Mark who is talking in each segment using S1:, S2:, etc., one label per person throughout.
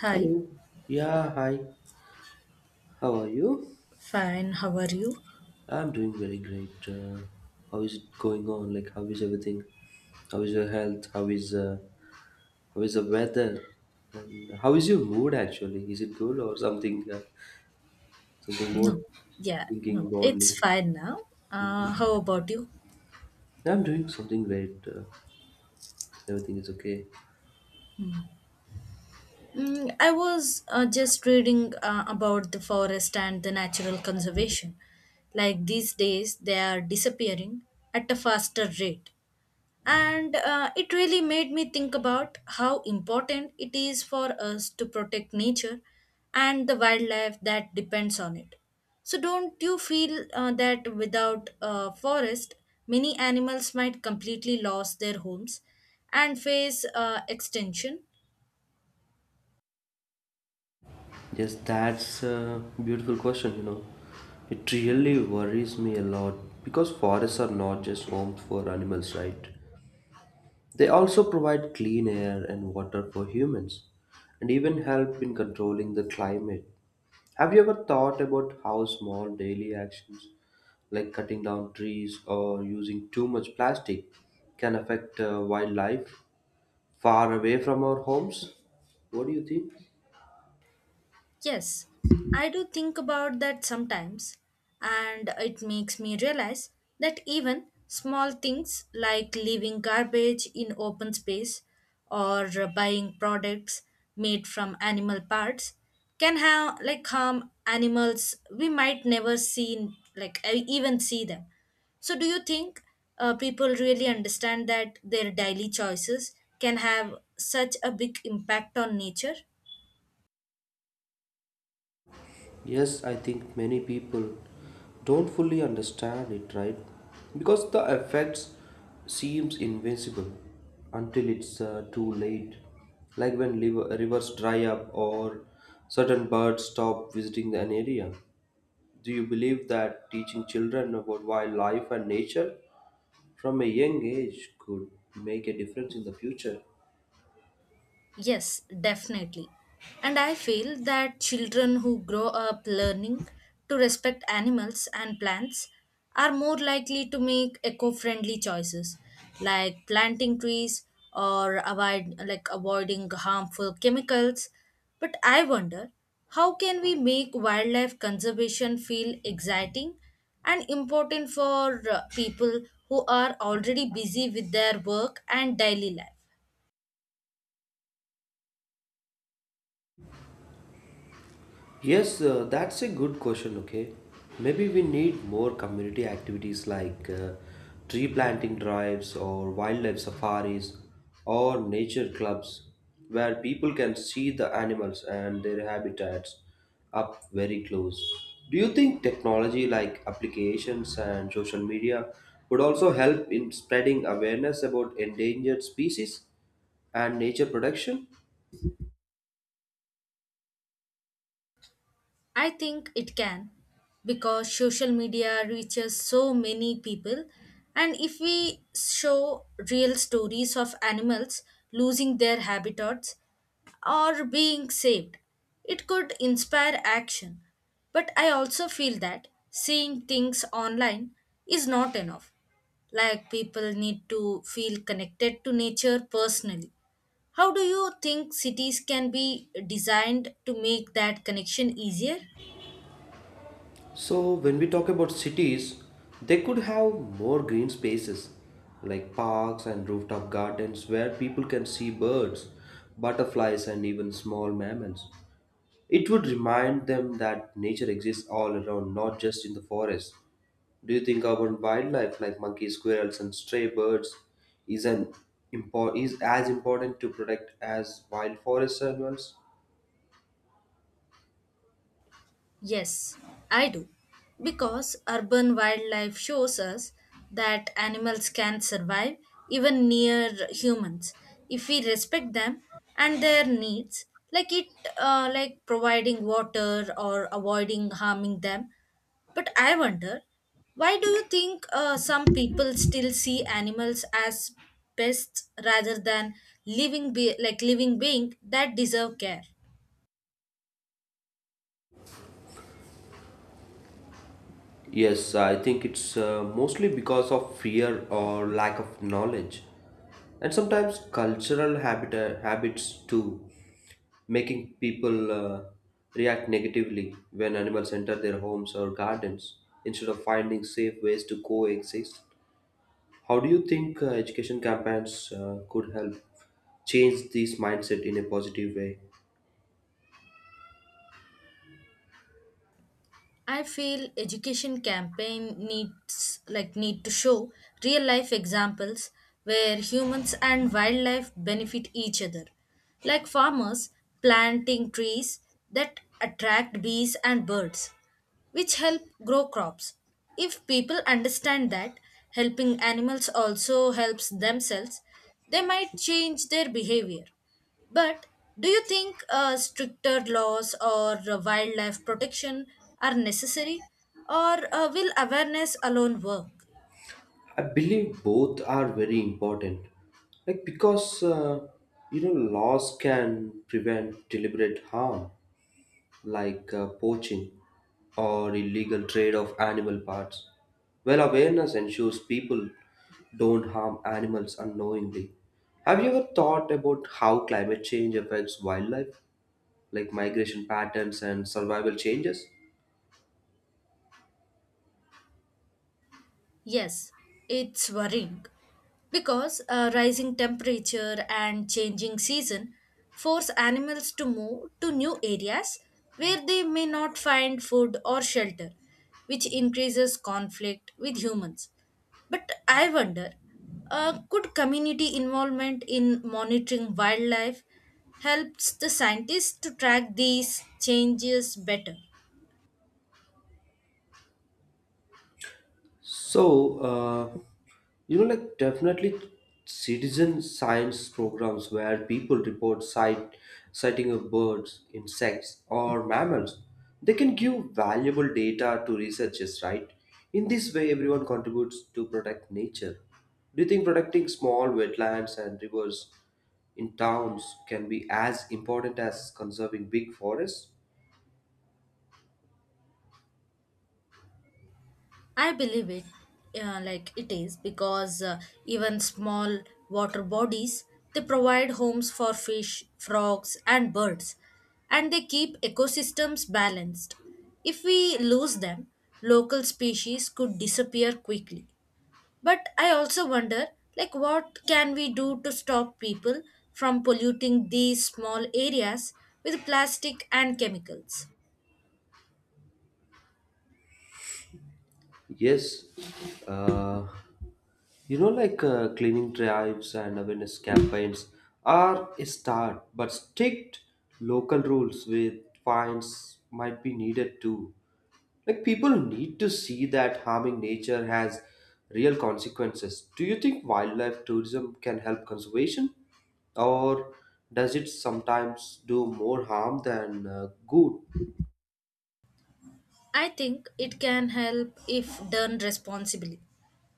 S1: Hi,
S2: Hello. Yeah, hi. How are you?
S1: fine. How are you?
S2: I'm doing very great. How is it going on? Like, how is everything? How is your health? How is the weather? And how is your mood actually? Is it good or something something more
S1: No, yeah,
S2: thinking
S1: no,
S2: broadly?
S1: it's fine now. How about you?
S2: I'm doing something great. Everything is okay.
S1: Mm, I was just reading about the forest and the natural conservation. Like these days, they are disappearing at a faster rate. And it really made me think about how important it is for us to protect nature and the wildlife that depends on it. So don't you feel that without a forest many animals might completely lose their homes and face extinction?
S2: Yes, that's a beautiful question. You know, it really worries me a lot because forests are not just homes for animals, right? They also provide clean air and water for humans and even help in controlling the climate. Have you ever thought about how small daily actions like cutting down trees or using too much plastic can affect wildlife far away from our homes? What do you think?
S1: Yes, I do think about that sometimes, and it makes me realize that even small things like leaving garbage in open space, or buying products made from animal parts, can have like harm animals we might never seen like even see them. So, do you think people really understand that their daily choices can have such a big impact on nature?
S2: Yes, I think many people don't fully understand it, right? Because the effects seems invincible until it's too late. Like when rivers dry up or certain birds stop visiting an area. Do you believe that teaching children about wildlife and nature from a young age could make a difference in the future?
S1: Yes, definitely. And I feel that children who grow up learning to respect animals and plants are more likely to make eco-friendly choices, like planting trees or avoiding harmful chemicals. But I wonder, how can we make wildlife conservation feel exciting and important for people who are already busy with their work and daily life?
S2: Yes, that's a good question. Okay, maybe we need more community activities like tree planting drives or wildlife safaris or nature clubs where people can see the animals and their habitats up very close. Do you think technology like applications and social media would also help in spreading awareness about endangered species and nature protection?
S1: I think it can, because social media reaches so many people. And if we show real stories of animals losing their habitats or being saved, it could inspire action. But I also feel that seeing things online is not enough. Like, people need to feel connected to nature personally. How do you think cities can be designed to make that connection easier?
S2: So, when we talk about cities, they could have more green spaces like parks and rooftop gardens where people can see birds, butterflies, and even small mammals. It would remind them that nature exists all around, not just in the forest. Do you think urban wildlife like monkeys, squirrels, and stray birds is, an, is as important to protect as wild forest animals?
S1: Yes, I do. Because urban wildlife shows us that animals can survive even near humans if we respect them and their needs, like it, like providing water or avoiding harming them. But I wonder, why do you think some people still see animals as pests rather than living, living being that deserve care?
S2: Yes, I think it's mostly because of fear or lack of knowledge, and sometimes cultural habits too, making people react negatively when animals enter their homes or gardens instead of finding safe ways to coexist. How do you think education campaigns could help change this mindset in a positive way?
S1: I feel education campaign need to show real life examples where humans and wildlife benefit each other. Like farmers planting trees that attract bees and birds, which help grow crops. If people understand that helping animals also helps themselves, they might change their behavior. But do you think stricter laws or wildlife protection are necessary, or will awareness alone work?
S2: I believe both are very important. Like because you know laws can prevent deliberate harm like poaching or illegal trade of animal parts. Well, awareness ensures people don't harm animals unknowingly. Have you ever thought about how climate change affects wildlife, like migration patterns and survival changes?
S1: Yes, it's worrying because rising temperature and changing season force animals to move to new areas where they may not find food or shelter, which increases conflict with humans. But I wonder, could community involvement in monitoring wildlife helps the scientists to track these changes better?
S2: So, you know, like definitely citizen science programs where people report sighting of birds, insects, or mammals, they can give valuable data to researchers, right? In this way, everyone contributes to protect nature. Do you think protecting small wetlands and rivers in towns can be as important as conserving big forests?
S1: I believe it, it is, because even small water bodies they provide homes for fish, frogs, and birds, and they keep ecosystems balanced. If we lose them, local species could disappear quickly. But I also wonder, like, what can we do to stop people from polluting these small areas with plastic and chemicals?
S2: Yes, uh, you know, like cleaning drives and awareness campaigns are a start, but strict local rules with fines might be needed too. Like, people need to see that harming nature has real consequences. Do you think wildlife tourism can help conservation, or does it sometimes do more harm than good?
S1: I think it can help if done responsibly,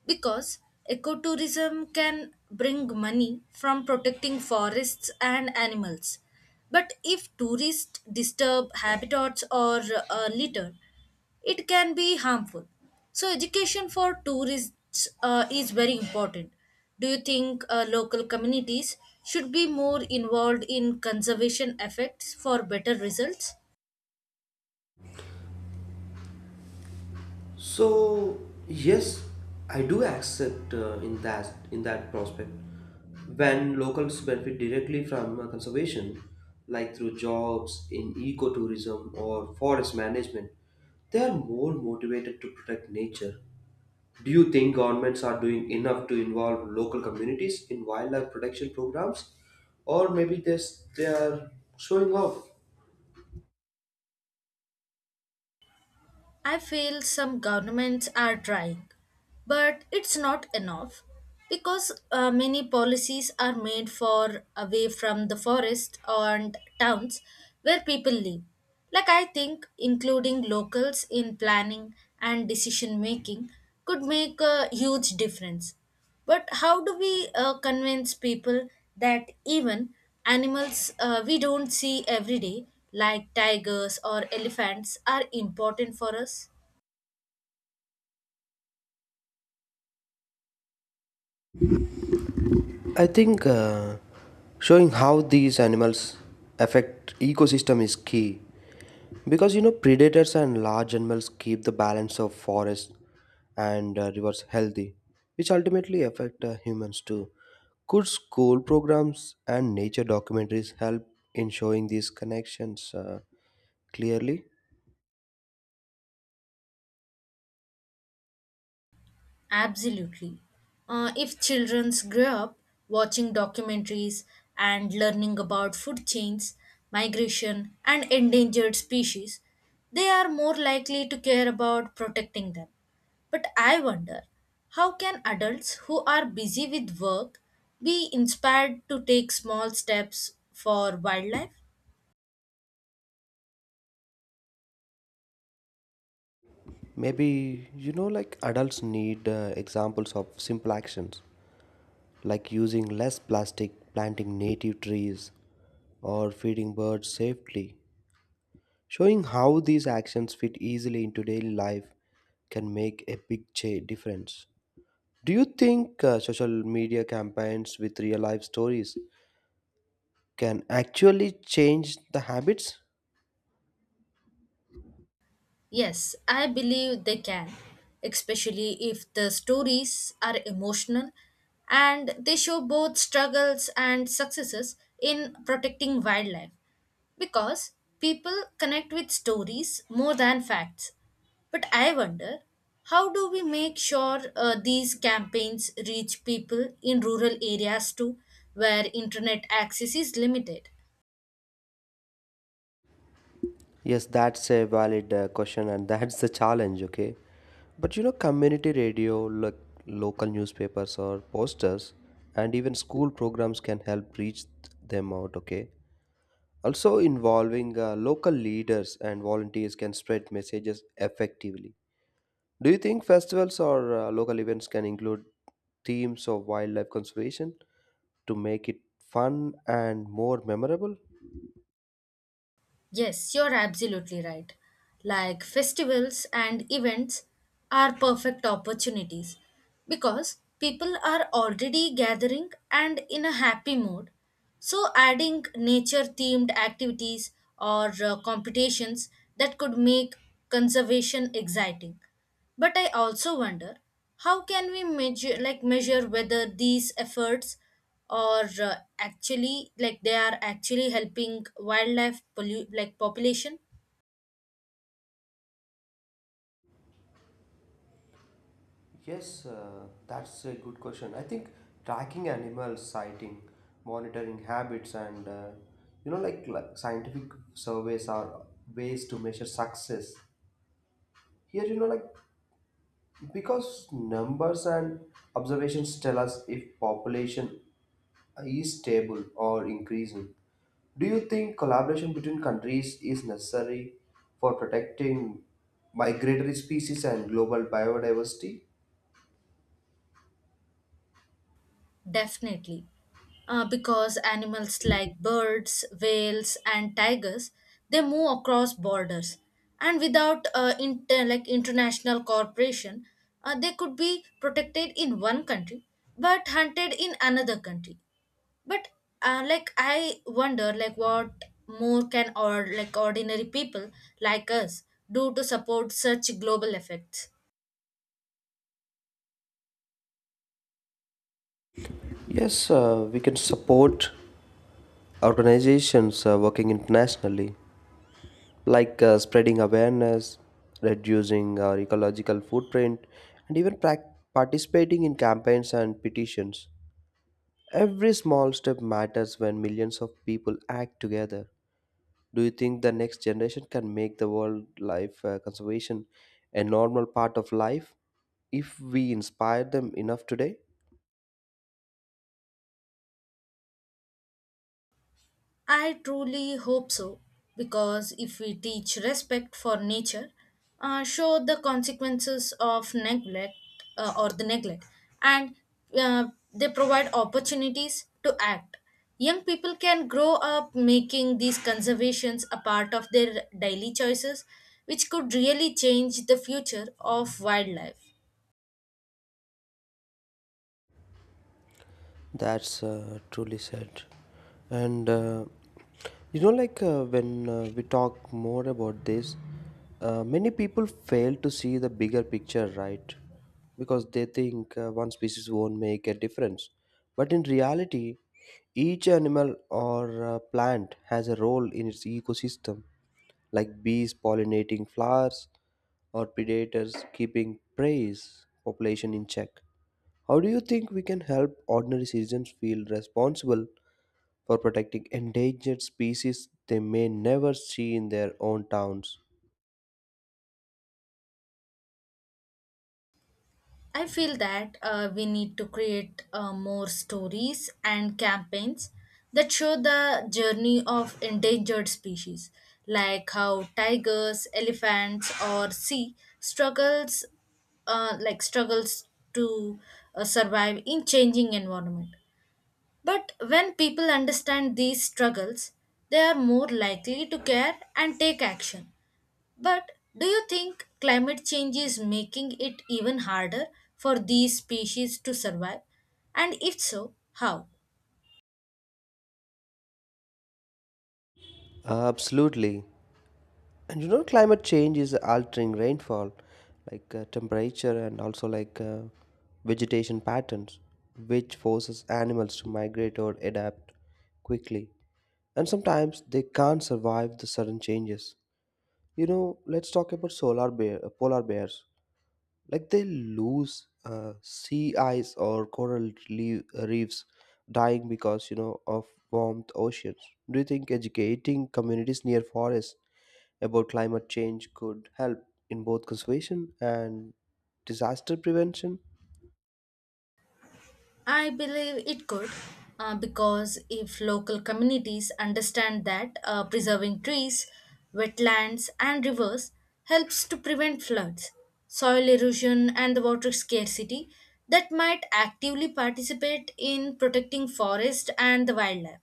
S1: because ecotourism can bring money from protecting forests and animals. But if tourists disturb habitats or litter, it can be harmful. So, education for tourists is very important. Do you think local communities should be more involved in conservation efforts for better results?
S2: So yes, I do accept in that prospect when locals benefit directly from conservation, like through jobs in ecotourism or forest management, they are more motivated to protect nature. Do you think governments are doing enough to involve local communities in wildlife protection programs, or maybe this they are showing off?
S1: I feel some governments are trying, but it's not enough because many policies are made for away from the forest and towns where people live. Like, I think including locals in planning and decision making could make a huge difference. But how do we convince people that even animals we don't see every day, like tigers or elephants, are important for us?
S2: I think showing how these animals affect ecosystem is key because you know predators and large animals keep the balance of forests and rivers healthy, which ultimately affect humans too. Could school programs and nature documentaries help in showing these connections clearly?
S1: Absolutely. If children grow up watching documentaries and learning about food chains, migration, and endangered species, they are more likely to care about protecting them. But I wonder, how can adults who are busy with work be inspired to take small steps for wildlife?
S2: Maybe you know, like adults need examples of simple actions like using less plastic, planting native trees, or feeding birds safely. Showing how these actions fit easily into daily life can make a big difference. Do you think social media campaigns with real life stories can actually change the habits?
S1: Yes, I believe they can, especially if the stories are emotional and they show both struggles and successes in protecting wildlife, because people connect with stories more than facts. But I wonder, how do we make sure these campaigns reach people in rural areas too, where internet access is limited?
S2: Yes, that's a valid question, and that's the challenge, okay? But you know, community radio, like local newspapers or posters, and even school programs can help reach them out, okay? Also, involving local leaders and volunteers can spread messages effectively. Do you think festivals or local events can include themes of wildlife conservation to make it fun and more memorable?
S1: Yes, you're absolutely right. Like festivals and events are perfect opportunities because people are already gathering and in a happy mood. So, adding nature themed activities or competitions that could make conservation exciting. But I also wonder, how can we measure whether these efforts are actually like they are actually helping wildlife population.
S2: Yes, that's a good question. I think tracking animals sighting, monitoring habits, and you know, like scientific surveys are ways to measure success. Here, you know, like because numbers and observations tell us if population is stable or increasing. Do you think collaboration between countries is necessary for protecting migratory species and global biodiversity?
S1: Definitely, because animals like birds, whales, and tigers, they move across borders, and without international cooperation, they could be protected in one country but hunted in another country. But I wonder, like, what more can or like ordinary people like us do to support such global effects?
S2: Yes, we can support organizations working internationally, like spreading awareness, reducing our ecological footprint, and even prac participating in campaigns and petitions. Every small step matters when millions of people act together. Do you think the next generation can make the world life conservation a normal part of life if we inspire them enough today?
S1: I truly hope so, because if we teach respect for nature, show the consequences of neglect or the neglect, and uh, they provide opportunities to act, young people can grow up making these conservations a part of their daily choices, which could really change the future of wildlife.
S2: That's truly said. And you know, like when we talk more about this, many people fail to see the bigger picture, right? Because they think one species won't make a difference. But in reality, each animal or plant has a role in its ecosystem, like bees pollinating flowers or predators keeping prey's population in check. How do you think we can help ordinary citizens feel responsible for protecting endangered species they may never see in their own towns?
S1: I feel that we need to create more stories and campaigns that show the journey of endangered species, like how tigers, elephants, or sea struggles, struggles to survive in changing environment. But when people understand these struggles, they are more likely to care and take action. But do you think climate change is making it even harder for these species to survive? And if so, how?
S2: Absolutely. And you know, climate change is altering rainfall, like temperature and also vegetation patterns, which forces animals to migrate or adapt quickly. And sometimes they can't survive the sudden changes. You know, let's talk about polar bears. Like they lose sea ice or coral reefs dying because you know of warmed oceans. Do you think educating communities near forests about climate change could help in both conservation and disaster prevention?
S1: I believe it could, because if local communities understand that preserving trees, wetlands, and rivers helps to prevent floods, soil erosion, and the water scarcity, that might actively participate in protecting forest and the wildlife,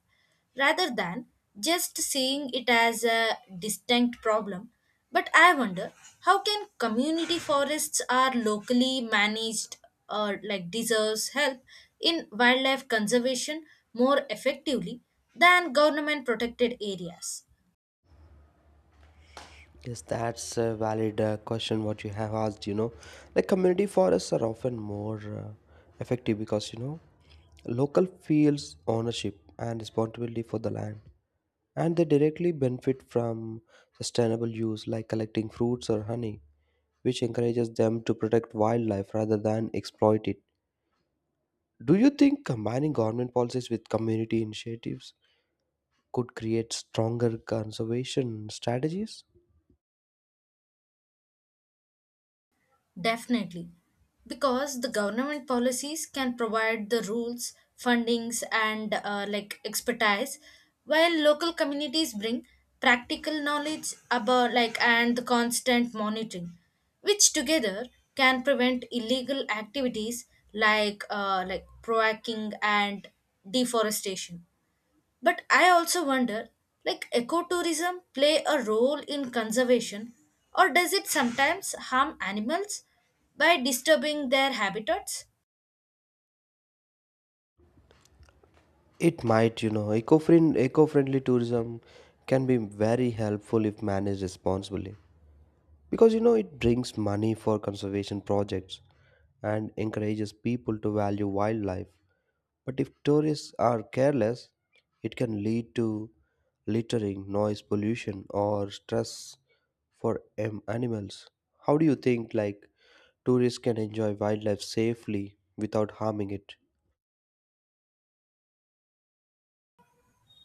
S1: rather than just seeing it as a distinct problem. But I wonder, how can community forests are locally managed or like deserves help in wildlife conservation more effectively than government protected areas.
S2: Yes, that's a valid question what you have asked, you know, like community forests are often more effective because you know local feels ownership and responsibility for the land and they directly benefit from sustainable use like collecting fruits or honey, which encourages them to protect wildlife rather than exploit it. Do you think combining government policies with community initiatives could create stronger conservation strategies?
S1: Definitely. Because the government policies can provide the rules, fundings, and expertise, while local communities bring practical knowledge about like and the constant monitoring, which together can prevent illegal activities like proacking and deforestation. But I also wonder, like ecotourism play a role in conservation, or does it sometimes harm animals by disturbing their habitats?
S2: It might, you know, eco-friendly tourism can be very helpful if managed responsibly because you know it brings money for conservation projects and encourages people to value wildlife. But if tourists are careless, it can lead to littering, noise pollution, or stress for animals. How do you think like tourists can enjoy wildlife safely without harming it?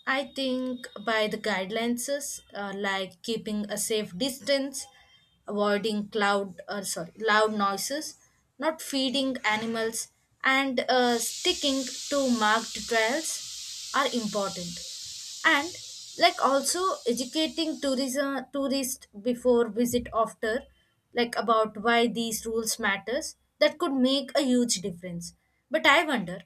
S1: I think by the guidelines, like keeping a safe distance, avoiding loud noises, not feeding animals, and sticking to marked trails are important. And like also educating tourism tourists before visit after, like, about why these rules matters, that could make a huge difference. But I wonder,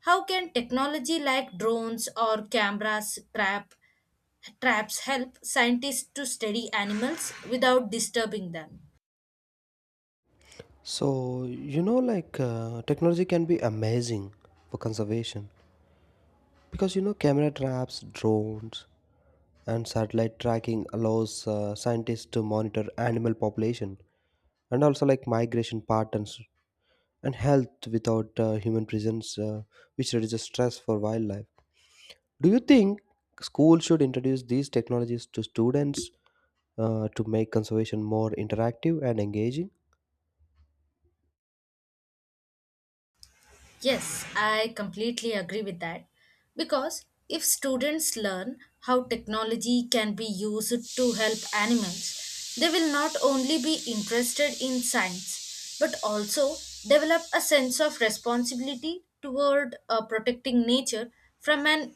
S1: how can technology like drones or cameras trap traps help scientists to study animals without disturbing them?
S2: So, you know, like technology can be amazing for conservation because you know, camera traps, drones, and satellite tracking allows scientists to monitor animal population and also like migration patterns and health without human presence, which reduces stress for wildlife. Do you think schools should introduce these technologies to students to make conservation more interactive and engaging?
S1: Yes, I completely agree with that. Because if students learn how technology can be used to help animals, they will not only be interested in science but also develop a sense of responsibility toward protecting nature from an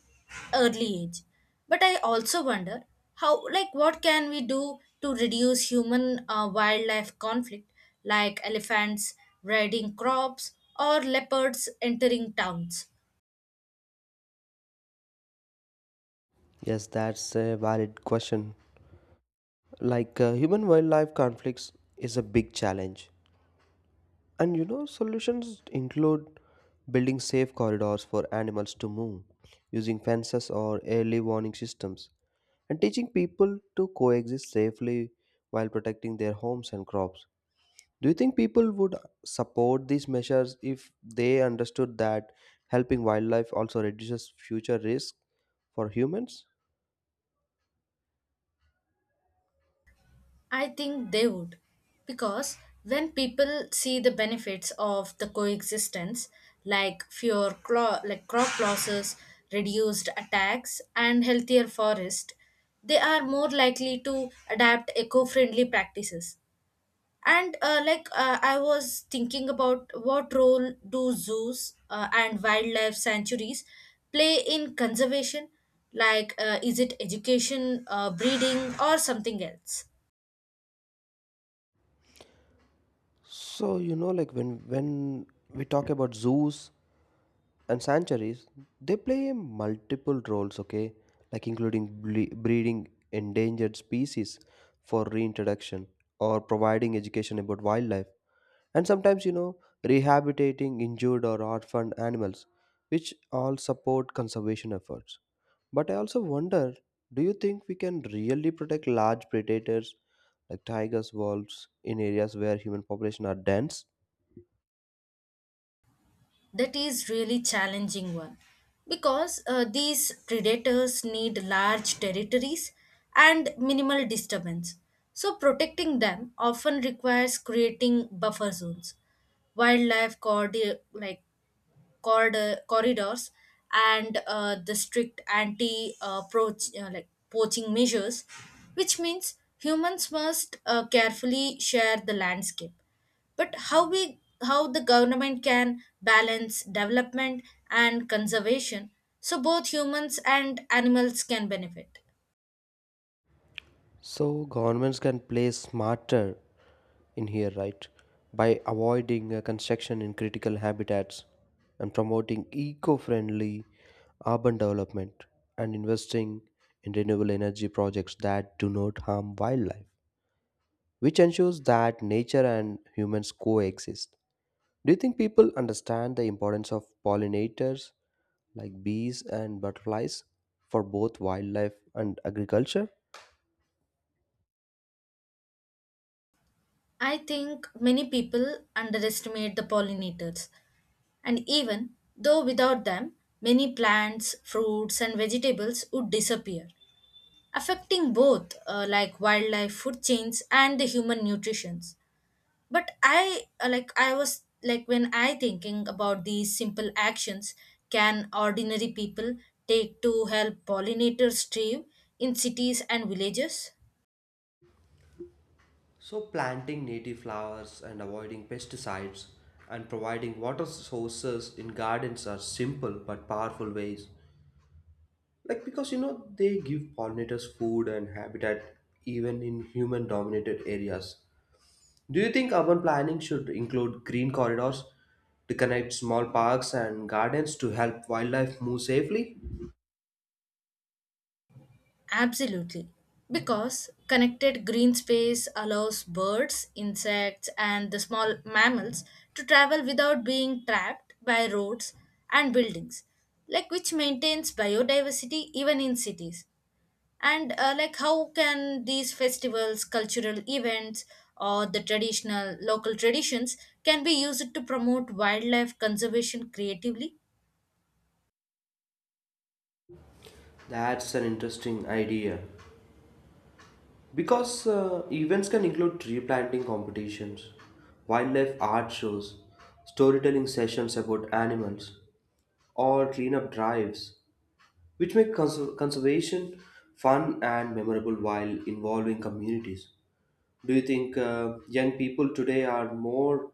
S1: early age. But I also wonder, how, like, what can we do to reduce human wildlife conflict, like elephants raiding crops or leopards entering towns?
S2: Yes, that's a valid question. Like human wildlife conflicts is a big challenge. And you know, solutions include building safe corridors for animals to move, using fences or early warning systems, and teaching people to coexist safely while protecting their homes and crops. Do you think people would support these measures if they understood that helping wildlife also reduces future risk for humans?
S1: I think they would. Because when people see the benefits of the coexistence, like crop losses, reduced attacks, and healthier forest, they are more likely to adapt eco friendly practices. And I was thinking about, what role do zoos and wildlife sanctuaries play in conservation? Like, is it education, breeding, or something else?
S2: So, you know, like when we talk about zoos and sanctuaries, they play multiple roles, okay, like including breeding endangered species for reintroduction or providing education about wildlife and sometimes you know rehabilitating injured or orphaned animals, which all support conservation efforts. But I also wonder, do you think we can really protect large predators like tigers, wolves in areas where human population are dense?
S1: That is really challenging one, because these predators need large territories and minimal disturbance. So protecting them often requires creating buffer zones, wildlife cordi- like corridor, corridors, and the strict anti poaching measures, which means humans must carefully share the landscape. But how we, how the government can balance development and conservation, so both humans and animals can benefit.
S2: So governments can play smarter in here, right? By avoiding construction in critical habitats and promoting eco friendly urban development and investing in renewable energy projects that do not harm wildlife, which ensures that nature and humans coexist. Do you think people understand the importance of pollinators like bees and butterflies for both wildlife and agriculture?
S1: I think many people underestimate the pollinators, and even though without them, many plants, fruits, and vegetables would disappear, affecting both wildlife food chains and the human nutritions. But I like I was like when I thinking about these, simple actions can ordinary people take to help pollinators thrive in cities and villages.
S2: So, planting native flowers and avoiding pesticides and providing water sources in gardens are simple but powerful ways. Like, because you know, they give pollinators food and habitat even in human dominated areas. Do you think urban planning should include green corridors to connect small parks and gardens to help wildlife move safely?
S1: Absolutely. Because connected green space allows birds, insects, and the small mammals to travel without being trapped by roads and buildings, like which maintains biodiversity even in cities. And like, how can these festivals, cultural events, or the traditional local traditions can be used to promote wildlife conservation creatively?
S2: That's an interesting idea. Because events can include tree planting competitions, wildlife art shows, storytelling sessions about animals, or cleanup drives, which make conservation fun and memorable while involving communities. Do you think young people today are more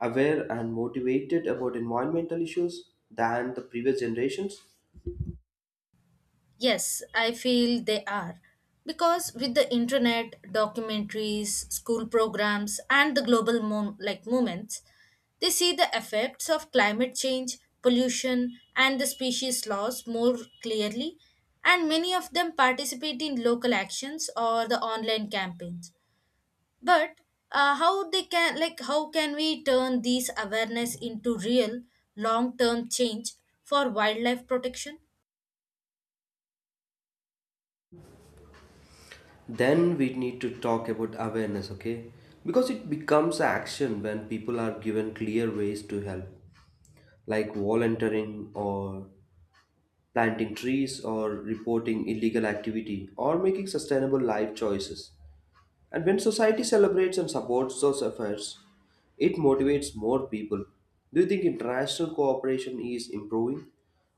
S2: aware and motivated about environmental issues than the previous generations?
S1: Yes, I feel they are. Because with the internet, documentaries, school programs, and the global mo- like movements, they see the effects of climate change, pollution, and the species loss more clearly, and many of them participate in local actions or the online campaigns. But how can we turn these awareness into real long-term change for wildlife protection?
S2: Then we need to talk about awareness, okay, because it becomes action when people are given clear ways to help like volunteering or planting trees or reporting illegal activity or making sustainable life choices. And when society celebrates and supports those efforts, it motivates more people. Do you think international cooperation is improving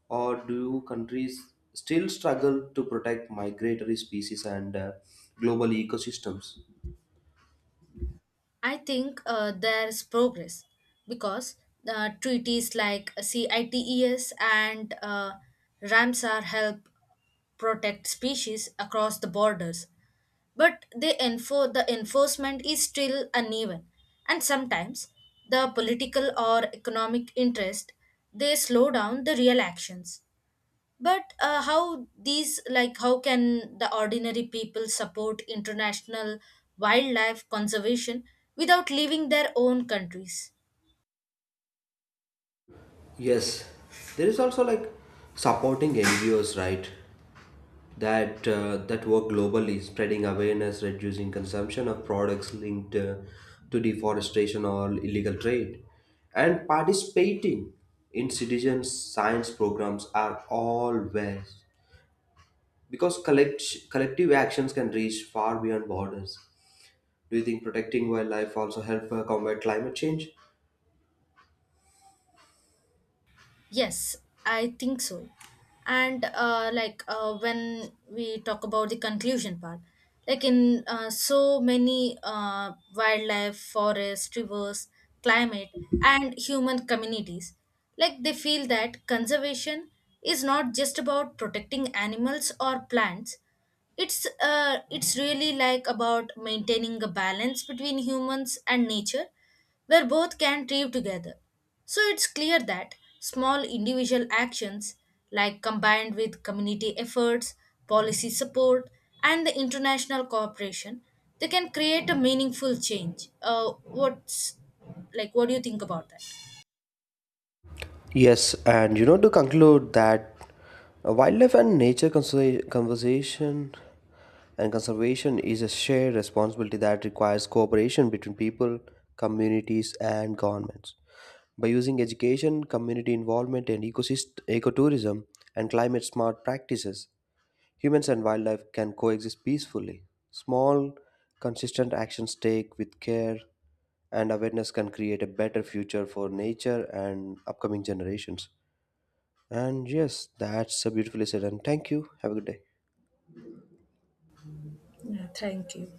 S2: or do countries still struggle to protect migratory species and global ecosystems?
S1: I think there's progress because treaties like CITES and Ramsar help protect species across the borders, but the enforcement is still uneven, and sometimes the political or economic interest they slow down the real actions. But how can the ordinary people support international wildlife conservation without leaving their own countries?
S2: Yes, there is also like supporting NGOs, right? That that work globally, spreading awareness, reducing consumption of products linked to deforestation or illegal trade, and participating in citizen science programs are all ways because collective actions can reach far beyond borders. Do you think protecting wildlife also help combat climate change?
S1: Yes, I think so. And when we talk about the conclusion part, like in so many wildlife, forests, rivers, climate, and human communities, like they feel that conservation is not just about protecting animals or plants. It's really like about maintaining a balance between humans and nature where both can thrive together. So it's clear that small individual actions, like combined with community efforts, policy support, and the international cooperation, they can create a meaningful change. What's like? What do you think about that?
S2: Yes, and you know, to conclude that wildlife and nature conserva- conversation and conservation is a shared responsibility that requires cooperation between people, communities, and governments. By using education, community involvement, and ecotourism, and climate smart practices, humans and wildlife can coexist peacefully. Small, consistent actions take with care and awareness can create a better future for nature and upcoming generations. And yes, that's a beautifully said. And thank you. Have a good day.
S1: Yeah, thank you.